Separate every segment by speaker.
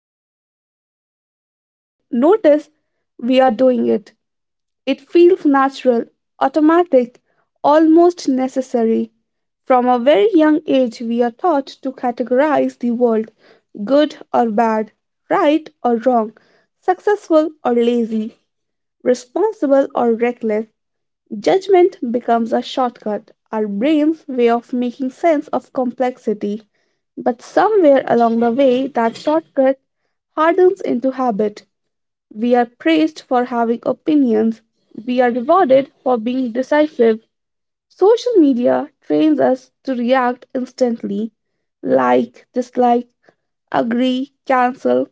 Speaker 1: most of the time we do not even notice we are doing it. It feels natural, automatic, almost necessary. From a very young age, we are taught to categorize the world: good or bad, right or wrong, successful or lazy, responsible or reckless. Judgment becomes a shortcut, our brain's way of making sense of complexity. But somewhere along the way, that shortcut hardens into habit. We are praised for having opinions. We are rewarded for being decisive. Social media trains us to react instantly: like, dislike, agree, cancel.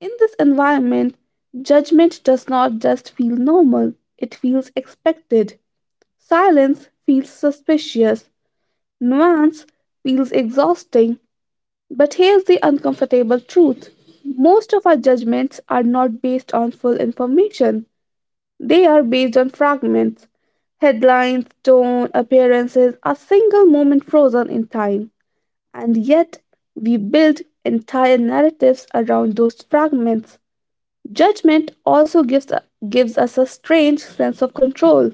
Speaker 1: In this environment, judgment does not just feel normal, it feels expected. Silence feels suspicious. Nuance feels exhausting. But here's the uncomfortable truth: most of our judgments are not based on full information. They are based on fragments, headlines, tone, appearances, a single moment frozen in time. And yet, we build entire narratives around those fragments. Judgment also gives us a strange sense of control.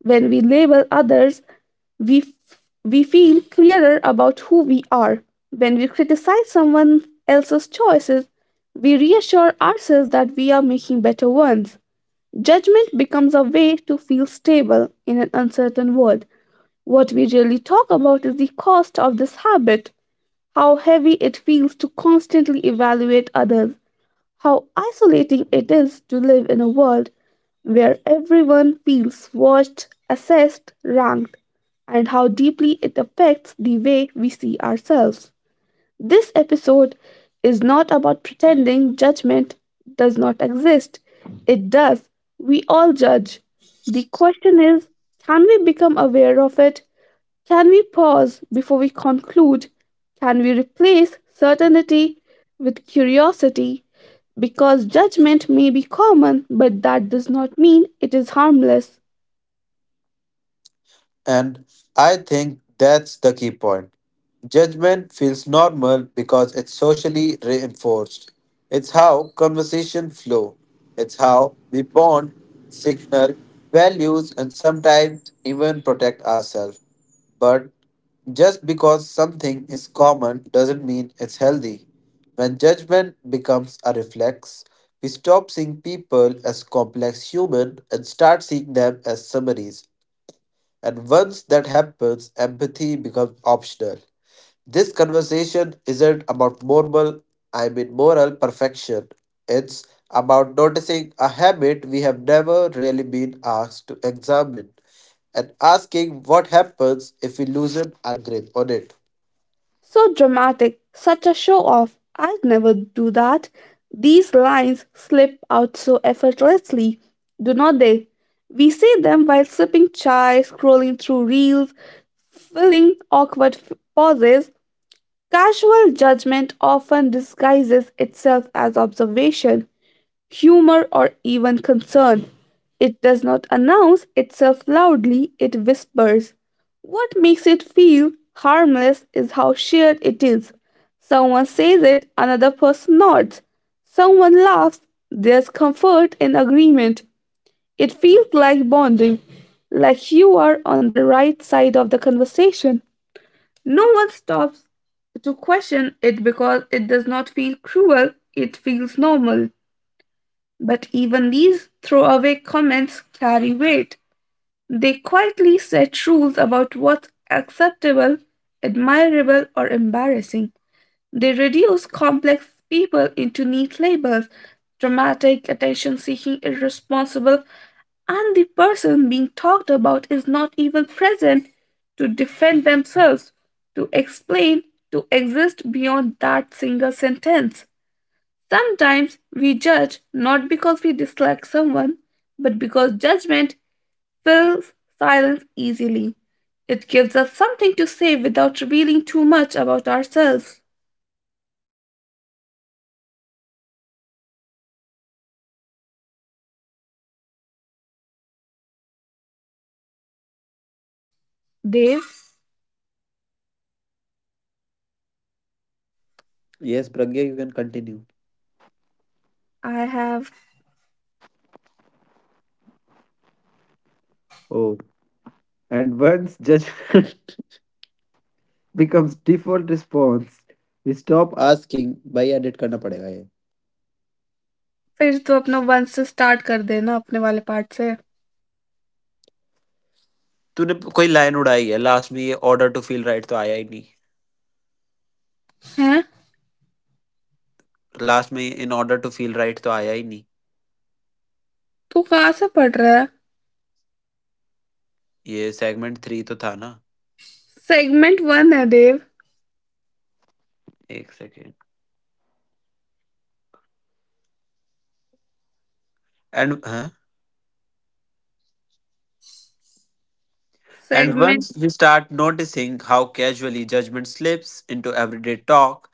Speaker 1: When we label others, we, f- we feel clearer about who we are. When we criticize someone else's choices, we reassure ourselves that we are making better ones. Judgment becomes a way to feel stable in an uncertain world. What we really talk about is the cost of this habit, how heavy it feels to constantly evaluate others, how isolating it is to live in a world where everyone feels watched, assessed, ranked, and how deeply it affects the way we see ourselves. This episode is not about pretending judgment does not exist. It does. We all judge. The question is, can we become aware of it? Can we pause before we conclude? Can we replace certainty with curiosity? Because judgment may be common, but that does not mean it is harmless.
Speaker 2: And I think that's the key point. Judgment feels normal because it's socially reinforced. It's how conversation flow. It's how we bond, signal values, and sometimes even protect ourselves. But just because something is common doesn't mean it's healthy. When judgment becomes a reflex, we stop seeing people as complex human and start seeing them as summaries, and once that happens, empathy becomes optional. This conversation isn't about moral, I mean moral perfection. It's about noticing a habit we have never really been asked to examine and asking what happens if we loosen our grip on it.
Speaker 1: So dramatic, such a show off. I'd never do that. These lines slip out so effortlessly, do not they? We see them while sipping chai, scrolling through reels, filling awkward pauses. Casual judgment often disguises itself as observation, humor, or even concern. It does not announce itself loudly, it whispers. What makes it feel harmless is how shared it is. Someone says it, another person nods. Someone laughs, there's comfort in agreement. It feels like bonding, like you are on the right side of the conversation. No one stops to question it because it does not feel cruel, it feels normal. But even these throwaway comments carry weight. They quietly set rules about what's acceptable, admirable, or embarrassing. They reduce complex people into neat labels: dramatic, attention seeking, irresponsible, and the person being talked about is not even present to defend themselves, to explain, to exist beyond that single sentence. Sometimes we judge not because we dislike someone, but because judgment fills silence easily. It gives us something to say without revealing too much about ourselves. Dev,
Speaker 2: Yes, Pragya, you can continue.
Speaker 1: I have
Speaker 2: Oh, and once judgment becomes default response, we stop asking भाई edit करना पड़ेगा
Speaker 1: फिर तो अपना one से start कर देना अपने वाले पार्ट से.
Speaker 2: तूने कोई लाइन उड़ाई है लास्ट में ये ऑर्डर टू फील राइट तो आया ही नहीं
Speaker 1: हैं?
Speaker 2: लास्ट में in order to feel right तो आया ही नहीं
Speaker 1: तू कहाँ से पढ़ रहा है?
Speaker 2: ये सेगमेंट थ्री तो था ना
Speaker 1: सेगमेंट वन है देव.
Speaker 2: एक सेकेंड एंड हाँ and
Speaker 1: segment.
Speaker 2: Once we start noticing how casually judgment slips into everyday talk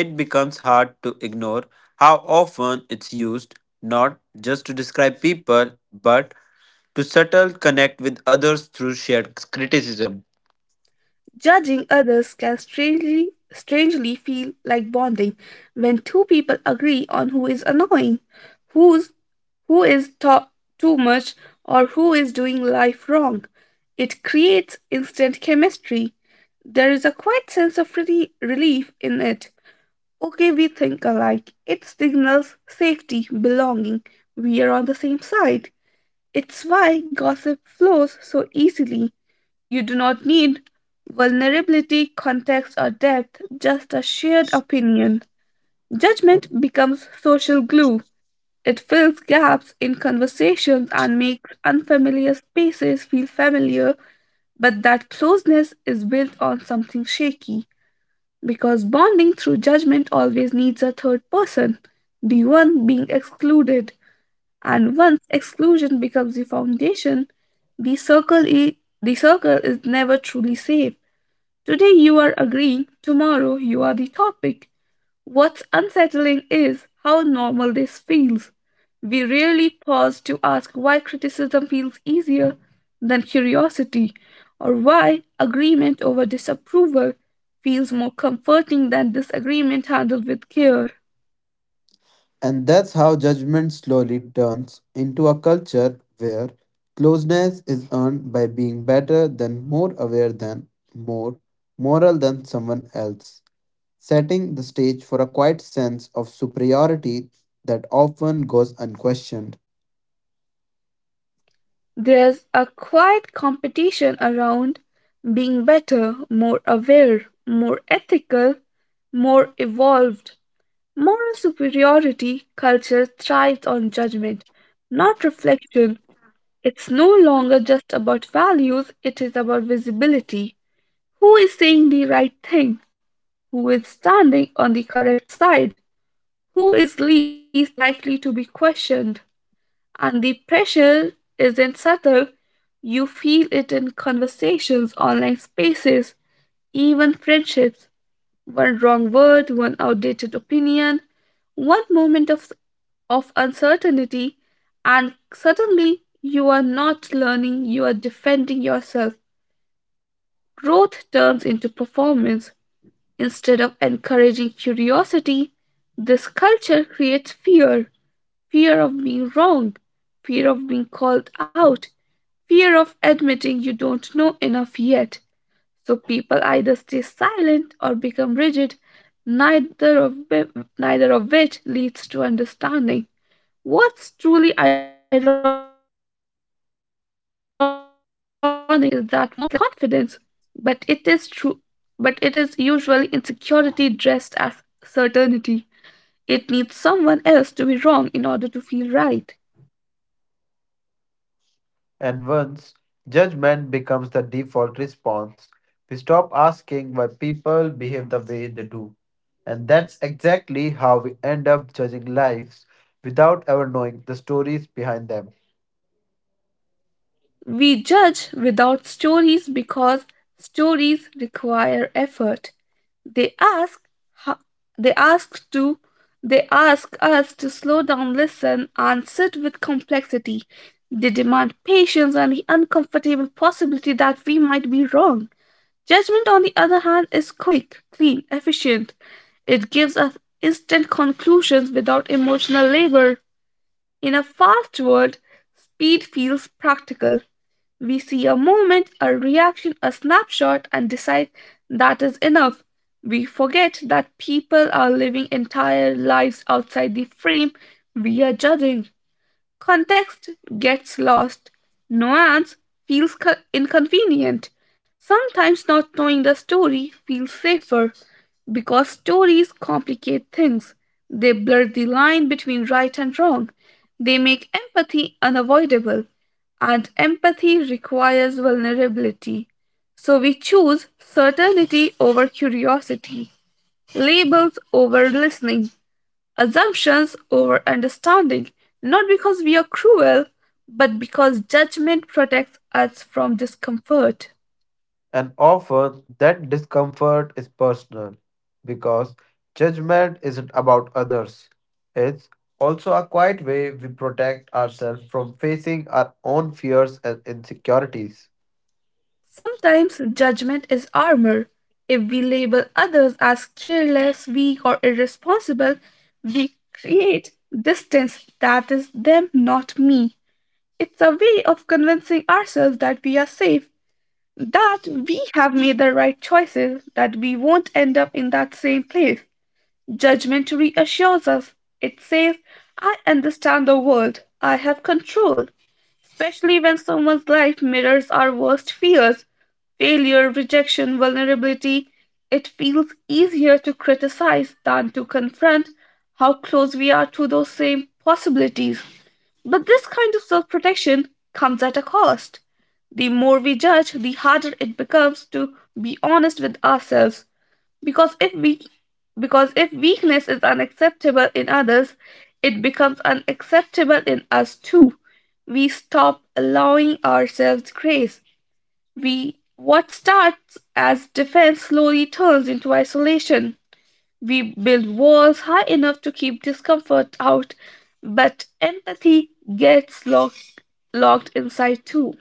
Speaker 2: it becomes hard to ignore how often it's used not just to describe people but to subtle connect with others through share.
Speaker 1: Judging others can strangely feel like bonding when two people agree on who is annoying, who's who is ta- too much, or who is doing life wrong. It creates instant chemistry. There is a quiet sense of relief in it. Okay, we think alike. It signals safety, belonging. We are on the same side. It's why gossip flows so easily. You do not need vulnerability, context, or depth, just a shared opinion. Judgment becomes social glue. It fills gaps in conversations and makes unfamiliar spaces feel familiar, but that closeness is built on something shaky because bonding through judgment always needs a third person, the one being excluded. And once exclusion becomes the foundation, the circle, i- the circle is never truly safe. Today you are agreeing, tomorrow you are the topic. What's unsettling is how normal this feels. We rarely pause to ask why criticism feels easier than curiosity, or why agreement over disapproval feels more comforting than disagreement handled with care.
Speaker 2: And that's how judgment slowly turns into a culture where closeness is earned by being better than, more aware than, more moral than someone else, setting the stage for a quiet sense of superiority that often goes unquestioned.
Speaker 1: There's a quiet competition around being better, more aware, more ethical, more evolved. Moral superiority culture thrives on judgment, not reflection. It's no longer just about values, it is about visibility. Who is saying the right thing? Who is standing on the correct side? Who is least likely to be questioned? And the pressure isn't subtle. You feel it in conversations, online spaces, even friendships. One wrong word, one outdated opinion, one moment of uncertainty, and suddenly you are not learning, you are defending yourself. Growth turns into performance. Instead of encouraging curiosity, this culture creates fear: fear of being wrong, fear of being called out, fear of admitting you don't know enough yet. So people either stay silent or become rigid, neither of, whi- neither of which leads to understanding. What's truly ironic is that moral superiority often looks like confidence, but it is true but it is usually insecurity dressed as certainty. It needs someone else to be wrong in order to feel right.
Speaker 2: And once judgment becomes the default response, we stop asking why people behave the way they do. And that's exactly how we end up judging lives without ever knowing the stories behind them.
Speaker 1: We judge without stories because stories require effort. They ask ho- they ask to they ask us to slow down, listen, and sit with complexity. They demand patience and the uncomfortable possibility that we might be wrong. Judgment, on the other hand, is quick, clean, efficient. It gives us instant conclusions without emotional labor. In a fast world, speed feels practical. We see a movement, a reaction, a snapshot, and decide that is enough. We forget that people are living entire lives outside the frame we are judging. Context gets lost. Nuance feels inconvenient. Sometimes not knowing the story feels safer because stories complicate things. They blur the line between right and wrong. They make empathy unavoidable, and empathy requires vulnerability. So we choose certainty over curiosity, labels over listening, assumptions over understanding, not because we are cruel, but because judgment protects us from discomfort.
Speaker 2: And often that discomfort is personal because judgment isn't about others. It's also a quiet way we protect ourselves from facing our own fears and insecurities.
Speaker 1: Sometimes judgment is armor. If we label others as careless, weak, or irresponsible, we create distance: that is them, not me. It's a way of convincing ourselves that we are safe, that we have made the right choices, that we won't end up in that same place. Judgment reassures us. It says, I understand the world, I have control. Especially when someone's life mirrors our worst fears: failure, rejection, vulnerability. It feels easier to criticize than to confront how close we are to those same possibilities. But this kind of self protection comes at a cost. The more we judge, the harder it becomes to be honest with ourselves, because if we because if weakness is unacceptable in others, it becomes unacceptable in us too. We stop allowing ourselves grace. We what starts as defense slowly turns into isolation. We build walls high enough to keep discomfort out, but empathy gets locked inside too.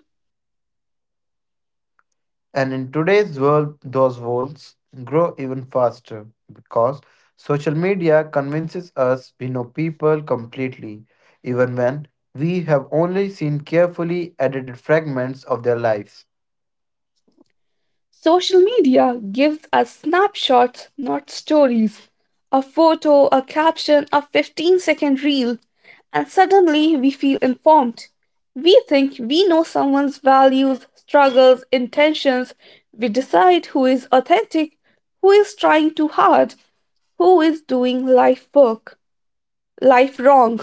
Speaker 2: And in today's world, those walls grow even faster because social media convinces us we know people completely, even when we have only seen carefully edited fragments of their lives.
Speaker 1: Social media gives us snapshots, not stories. A photo, a caption, a 15-second reel, and suddenly we feel informed. We think we know someone's values, struggles, intentions. We decide who is authentic, who is trying too hard, who is doing life wrong.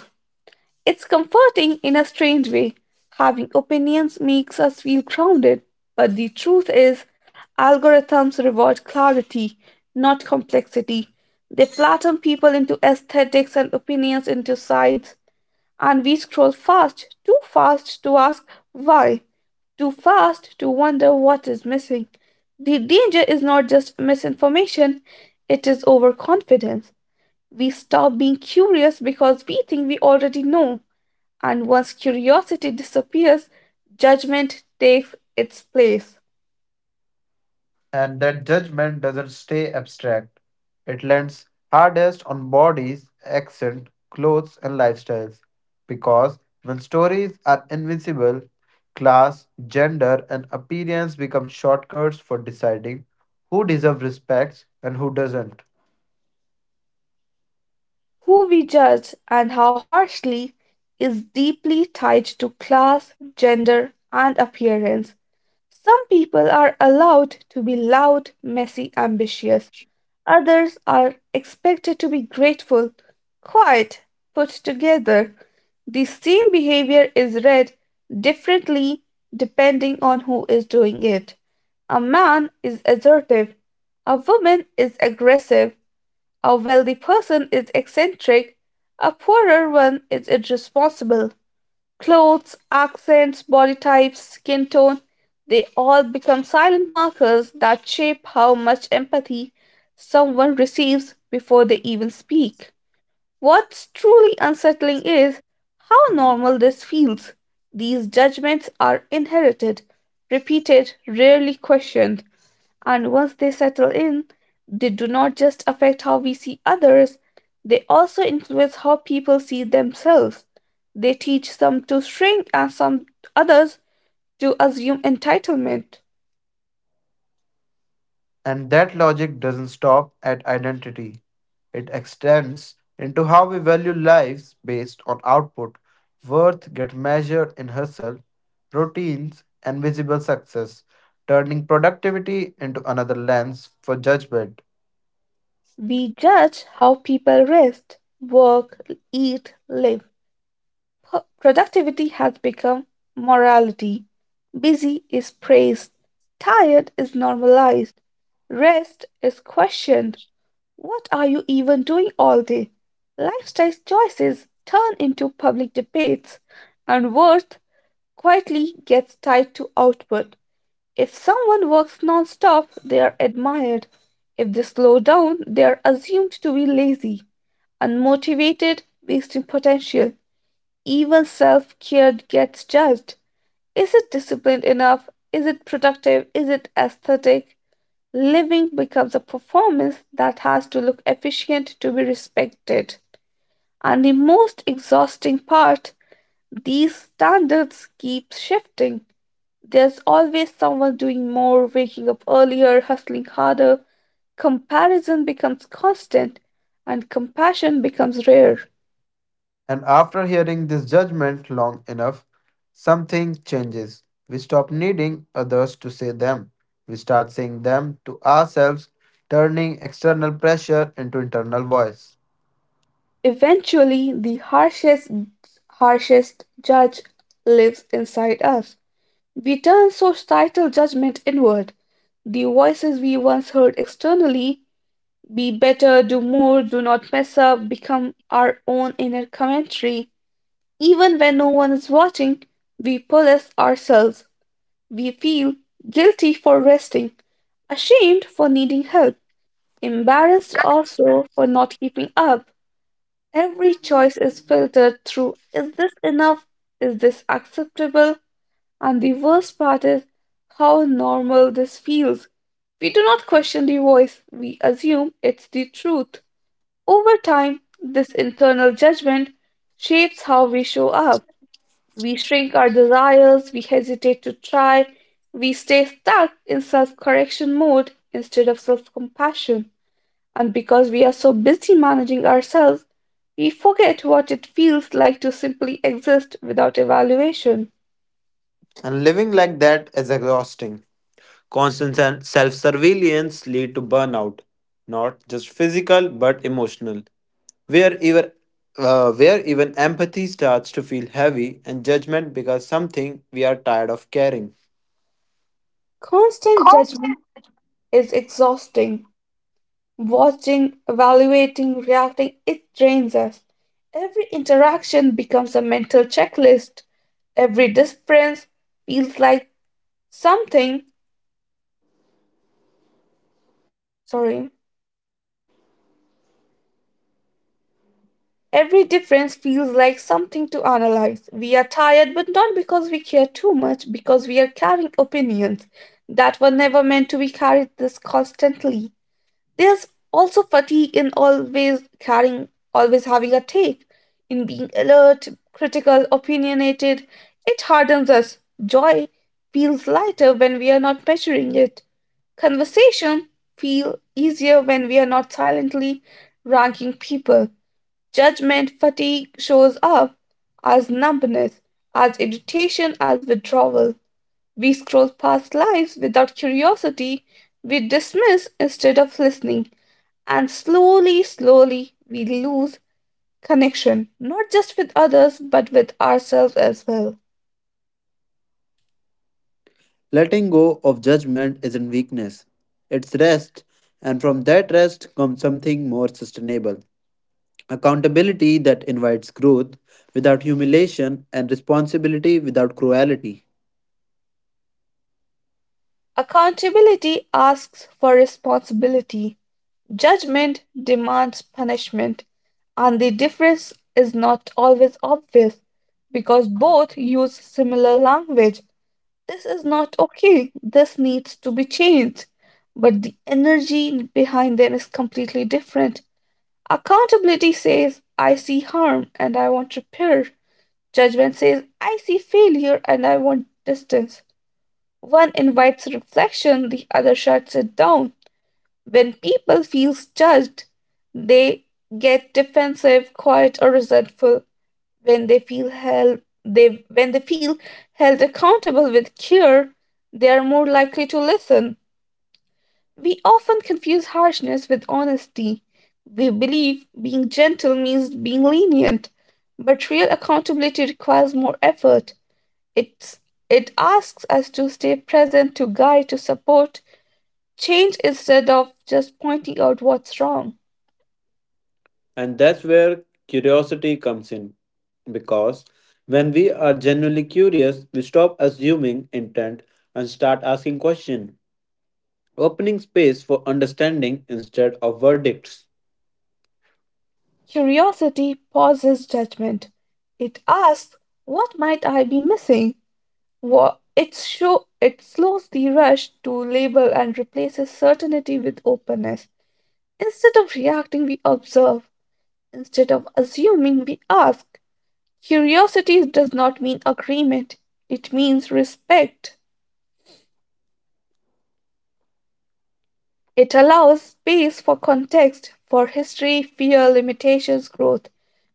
Speaker 1: It's comforting in a strange way. Having opinions makes us feel grounded, but the truth is, algorithms reward clarity, not complexity. They flatten people into aesthetics and opinions into sides, and we scroll fast, too fast to ask why, too fast to wonder what is missing. The danger is not just misinformation, it is overconfidence. We stop being curious because we think we already know. And once curiosity disappears, judgment takes its place.
Speaker 2: And that judgment doesn't stay abstract. It lands hardest on bodies, accent, clothes, and lifestyles. Because when stories are invincible, class, gender, and appearance become shortcuts for deciding who deserves respect and who doesn't.
Speaker 1: Who we judge and how harshly is deeply tied to class, gender, and appearance. Some people are allowed to be loud, messy, ambitious. Others are expected to be grateful, quiet, put together. The same behavior is read differently depending on who is doing it. A man is assertive, a woman is aggressive, a wealthy person is eccentric, a poorer one is irresponsible. Clothes, accents, body types, skin tone, they all become silent markers that shape how much empathy someone receives before they even speak. What's truly unsettling is how normal this feels. These judgments are inherited, repeated, rarely questioned, and once they settle in, they do not just affect how we see others, they also influence how people see themselves. They teach some to shrink and some others to assume entitlement.
Speaker 2: And that logic doesn't stop at identity, it extends into how we value lives based on output. Worth gets measured in hustle, routines, and visible success, turning productivity into another lens for judgment.
Speaker 1: We judge how people rest, work, eat, live. Productivity has become morality. Busy is praised. Tired is normalized. Rest is questioned. What are you even doing all day? Lifestyle choices turn into public debates, and worth quietly gets tied to output. If someone works non-stop, they are admired. If they slow down, they are assumed to be lazy, unmotivated, wasting potential. Even self care gets judged. Is it disciplined enough? Is it productive? Is it aesthetic? Living becomes a performance that has to look efficient to be respected. And the most exhausting part, these standards keep shifting. There's always someone doing more, waking up earlier, hustling harder. Comparison becomes constant, and compassion becomes rare.
Speaker 2: And after hearing this judgment long enough, something changes. We stop needing others to say them. We start saying them to ourselves, turning external pressure into internal voice.
Speaker 1: Eventually, the harshest judge lives inside us. We turn societal judgment inward. The voices we once heard externally, be better, do more, do not mess up, become our own inner commentary. Even when no one is watching, we police ourselves. We feel guilty for resting, ashamed for needing help, embarrassed also for not keeping up. Every choice is filtered through, is this enough? Is this acceptable? And the worst part is how normal this feels. We do not question the voice, we assume it's the truth. Over time, this internal judgment shapes how we show up. We shrink our desires, we hesitate to try, we stay stuck in self correction mode instead of self compassion. And because we are so busy managing ourselves, we forget what it feels like to simply exist without evaluation.
Speaker 2: And living like that is exhausting. Constant and self surveillance lead to burnout, not just physical but emotional, where where even empathy starts to feel heavy and judgment becomes something we are tired of carrying.
Speaker 1: Constant judgment
Speaker 2: Constant.
Speaker 1: is exhausting. Watching, evaluating, reacting, it drains us. Every interaction becomes a mental checklist. Every difference feels like something, sorry, Every difference feels like something to analyze. We are tired, but not because we care too much, because we are carrying opinions that were never meant to be carried this constantly. There's also fatigue in always carrying, always having a take, in being alert, critical, opinionated. It hardens us. Joy feels lighter when we are not measuring it. Conversation feel easier when we are not silently ranking people. Judgment fatigue shows up as numbness, as irritation, as withdrawal. We scroll past lives without curiosity, we dismiss instead of listening, and slowly, slowly, we lose connection, not just with others, but with ourselves as well.
Speaker 2: Letting go of judgment isn't weakness, it's rest, and from that rest comes something more sustainable. Accountability that invites growth without humiliation and responsibility without cruelty.
Speaker 1: Accountability asks for responsibility. Judgment demands punishment, and the difference is not always obvious because both use similar language. This is not okay, this needs to be changed. But the energy behind them is completely different. Accountability says, I see harm and I want repair. Judgment says, I see failure and I want distance. One invites reflection, the other shuts it down. When people feel judged, they get defensive, quiet, or resentful. When they feel held, they when they feel held accountable with care, they are more likely to listen. We often confuse harshness with honesty. We believe being gentle means being lenient, but real accountability requires more effort. It's it asks us to stay present, to guide, to support change instead of just pointing out what's wrong.
Speaker 2: And that's where curiosity comes in. Because when we are genuinely curious, we stop assuming intent and start asking questions, opening space for understanding instead of verdicts.
Speaker 1: Curiosity pauses judgment. It asks, what might I be missing? What it show It slows the rush to label and replaces certainty with openness. Instead of reacting, we observe. Instead of assuming, we ask. Curiosity does not mean agreement, it means respect. It allows space for context, for history, fear, limitations, growth.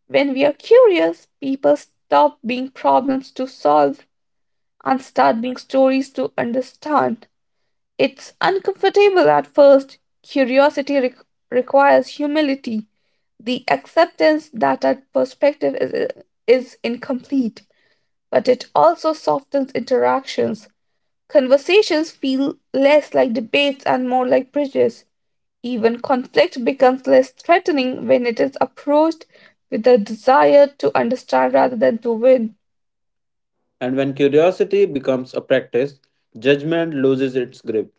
Speaker 1: When we are curious, people stop being problems to solve and start being stories to understand. It's uncomfortable at first. Requires humility, the acceptance that our is incomplete, but it also softens interactions. Conversations feel less like debates and more like bridges. Even conflict becomes less threatening when it is approached with a desire to understand rather than to win.
Speaker 2: And when curiosity becomes a practice, judgment loses its grip.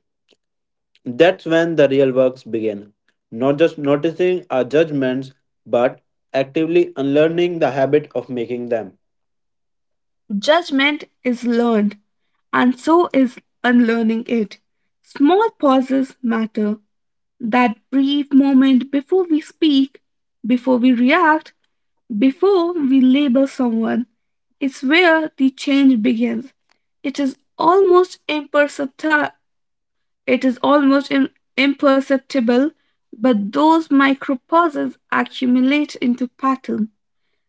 Speaker 2: That's when the real works begin. Not just noticing our judgments, but actively unlearning the habit of making them.
Speaker 1: Judgment is learned, and so is unlearning it. Small pauses matter. That brief moment before we speak, before we react, before we label someone, is where the change begins. It is almost imperceptible It is almost im- imperceptible, but those micro pauses accumulate into pattern.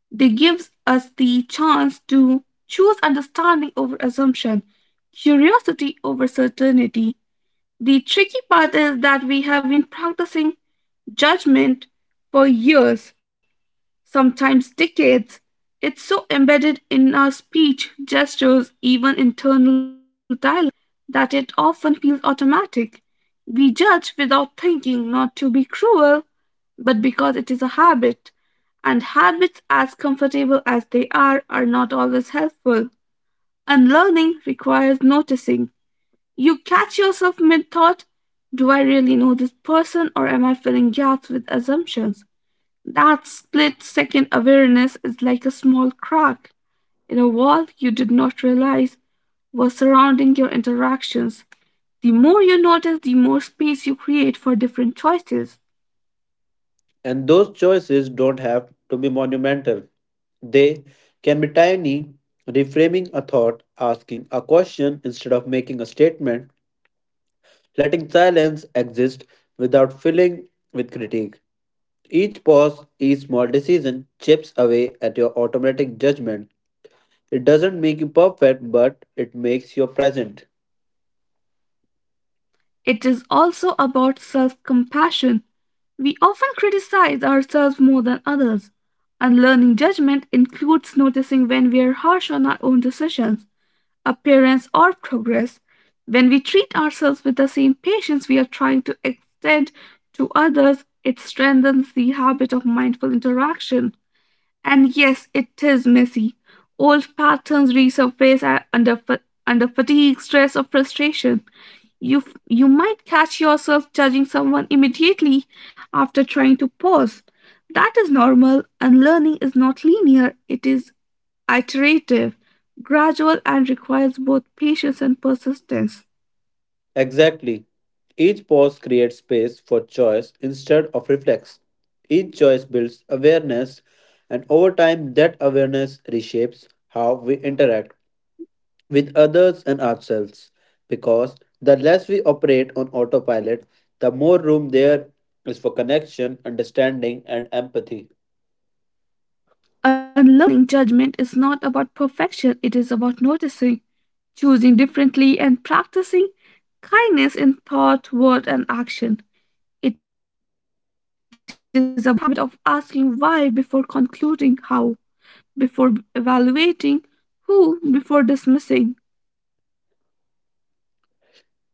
Speaker 1: They give us the chance to choose understanding over assumption, curiosity over certainty. The tricky part is that we have been practicing judgment for years, sometimes decades. It's so embedded in our speech, gestures, even internal dialogue that it often feels automatic. We judge without thinking, not to be cruel, but because it is a habit. And habits, as comfortable as they are not always helpful. Unlearning requires noticing. You catch yourself mid thought, do I really know this person, or am I filling gaps with assumptions? That split second awareness is like a small crack in a wall you did not realize was surrounding your interactions. The more you notice, the more space you create for different choices.
Speaker 2: And those choices don't have to be monumental. They can be tiny, reframing a thought, asking a question instead of making a statement, letting silence exist without filling with critique. Each pause, each small decision chips away at your automatic judgment. It doesn't make you perfect, but it makes you present.
Speaker 1: It is also about self compassion. We often criticize ourselves more than others. Unlearning judgment includes noticing when we are harsh on our own decisions, appearance, or progress. When we treat ourselves with the same patience we are trying to extend to others, it strengthens the habit of mindful interaction. And yes, it is messy. Old patterns resurface under fatigue, stress, or frustration. You might catch yourself judging someone immediately after trying to pause. That is normal, and learning is not linear. It is iterative, gradual, and requires both patience and persistence.
Speaker 2: Exactly. Each pause creates space for choice instead of reflex. Each choice builds awareness, and over time, that awareness reshapes how we interact with others and ourselves. Because the less we operate on autopilot, the more room there is for connection, understanding, and empathy.
Speaker 1: Unlearning judgment is not about perfection, it is about noticing, choosing differently, and practicing kindness in thought, word, and action. It is about creating a mental habit of asking why before concluding how, before evaluating who, before dismissing.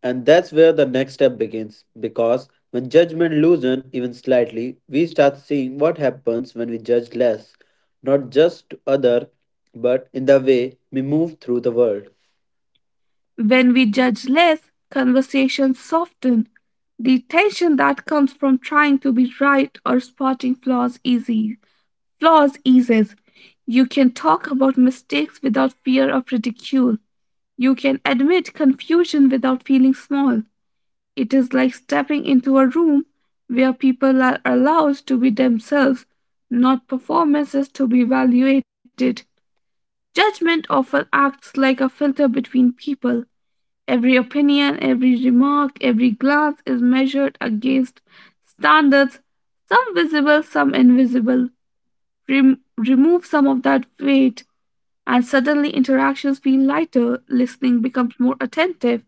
Speaker 2: And that's where the next step begins because when judgment loosens even slightly, we start seeing what happens when we judge less, not just to other, but in the way we move through the world.
Speaker 1: When we judge less, conversations soften. The tension that comes from trying to be right or spotting flaws easy flaws eases. You can talk about mistakes without fear of ridicule. You can admit confusion without feeling small. It is like stepping into a room where people are allowed to be themselves, not performances to be evaluated. Judgment often acts like a filter between people. Every opinion, every remark, every glance is measured against standards, some visible, some invisible. Remove some of that weight, and suddenly interactions feel lighter, listening becomes more attentive,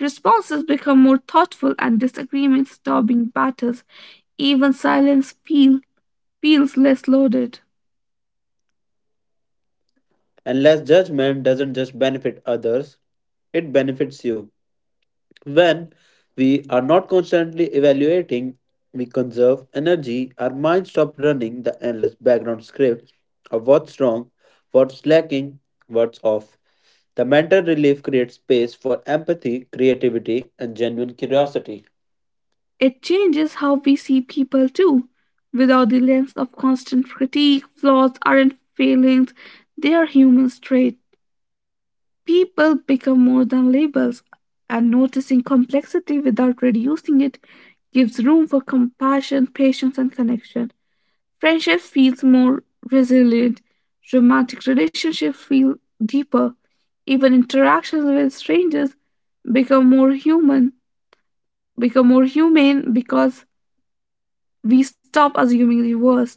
Speaker 1: responses become more thoughtful, and disagreements stop being battles. Even feels less loaded.
Speaker 2: And less judgment doesn't just benefit others, it benefits you. When we are not constantly evaluating, we conserve energy, our minds stop running the endless background script of what's wrong, what's lacking, what's off. The mental relief creates space for empathy, creativity, and genuine curiosity.
Speaker 1: It changes how we see people too. Without the lens of constant critique, flaws aren't failings, they are human traits. People become more than labels, and noticing complexity without reducing it gives room for compassion, patience, and connection. Friendship feels more resilient, romantic relationships feel deeper, even interactions with strangers become more human, become more humane because we stop assuming the worst.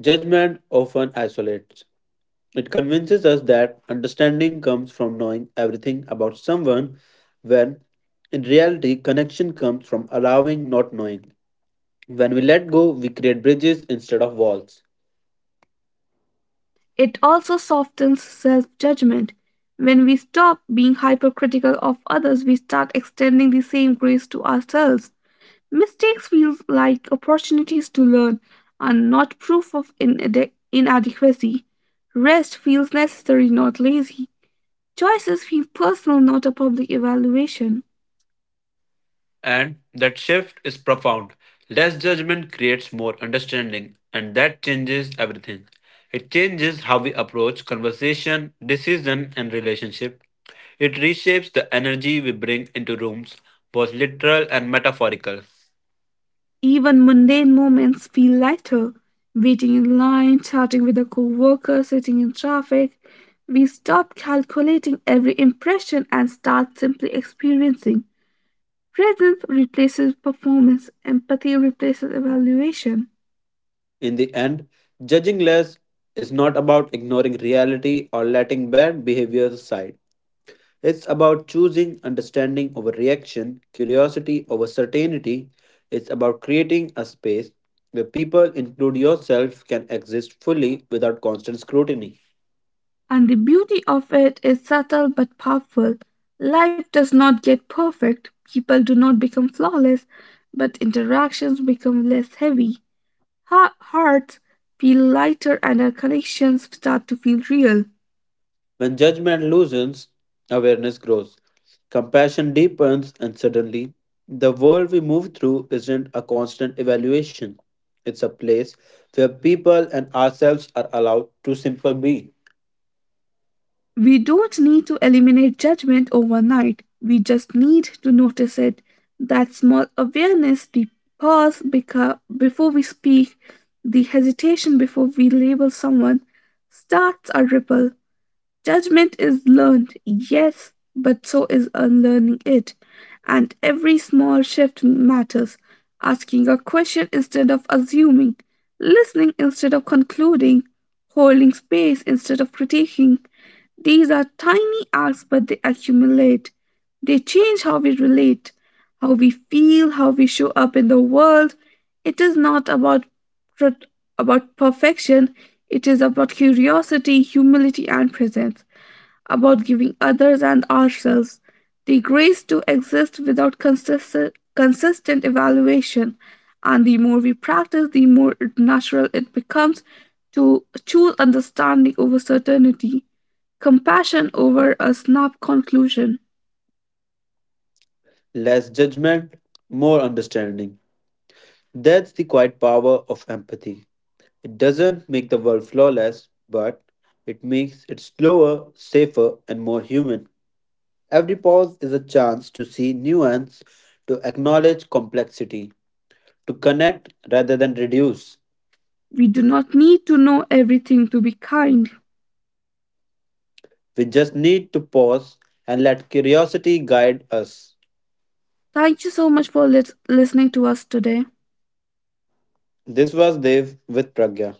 Speaker 2: Judgment often isolates. It convinces us that understanding comes from knowing everything about someone, when in reality, connection comes from allowing not knowing. When we let go, we create bridges instead of walls.
Speaker 1: It also softens self judgment. When we stop being hypercritical of others, we start extending the same grace to ourselves. Mistakes feel like opportunities to learn and not proof of inadequacy. Rest feels necessary, not lazy. Choices feel personal, not a public evaluation.
Speaker 2: And that shift is profound. Less judgment creates more understanding, and that changes everything. It changes how we approach conversation, decision, and relationship. It reshapes the energy we bring into rooms, both literal and metaphorical.
Speaker 1: Even mundane moments feel lighter. Waiting in line, chatting with a coworker, sitting in traffic. We stop calculating every impression and start simply experiencing. Presence replaces performance, empathy replaces evaluation.
Speaker 2: In the end, judging less is not about ignoring reality or letting bad behaviors aside. It's about choosing understanding over reaction, curiosity over certainty. It's about creating a space where people, include yourself, can exist fully without constant scrutiny.
Speaker 1: And the beauty of it is subtle but powerful. Life does not get perfect, people do not become flawless, but interactions become less heavy. Hearts feel lighter and our connections start to feel real.
Speaker 2: When judgment loosens, awareness grows, compassion deepens, and suddenly, the world we move through isn't a constant evaluation. It's a place where people and ourselves are allowed to simply be.
Speaker 1: We don't need to eliminate judgment overnight. We just need to notice it. That small awareness, the pause beca- before we speak, the hesitation before we label someone, starts a ripple. Judgment is learned, yes, but so is unlearning it. And every small shift matters. Asking a question instead of assuming, listening instead of concluding, holding space instead of critiquing. These are tiny acts, but they accumulate. They change how we relate, how we feel, how we show up in the world. It is not about perfection, it is about curiosity, humility, and presence, about giving others and ourselves the grace to exist without consistent evaluation. And the more we practice, the more natural it becomes to choose understanding over certainty, compassion over a snap conclusion.
Speaker 2: Less judgment, more understanding. That's the quiet power of empathy. It doesn't make the world flawless, but it makes it slower, safer, and more human. Every pause is a chance to see nuance, to acknowledge complexity, to connect rather than reduce.
Speaker 1: We do not need to know everything to be kind.
Speaker 2: We just need to pause and let curiosity guide us.
Speaker 1: Thank you so much for listening to us today.
Speaker 2: This was Dev with Pragya.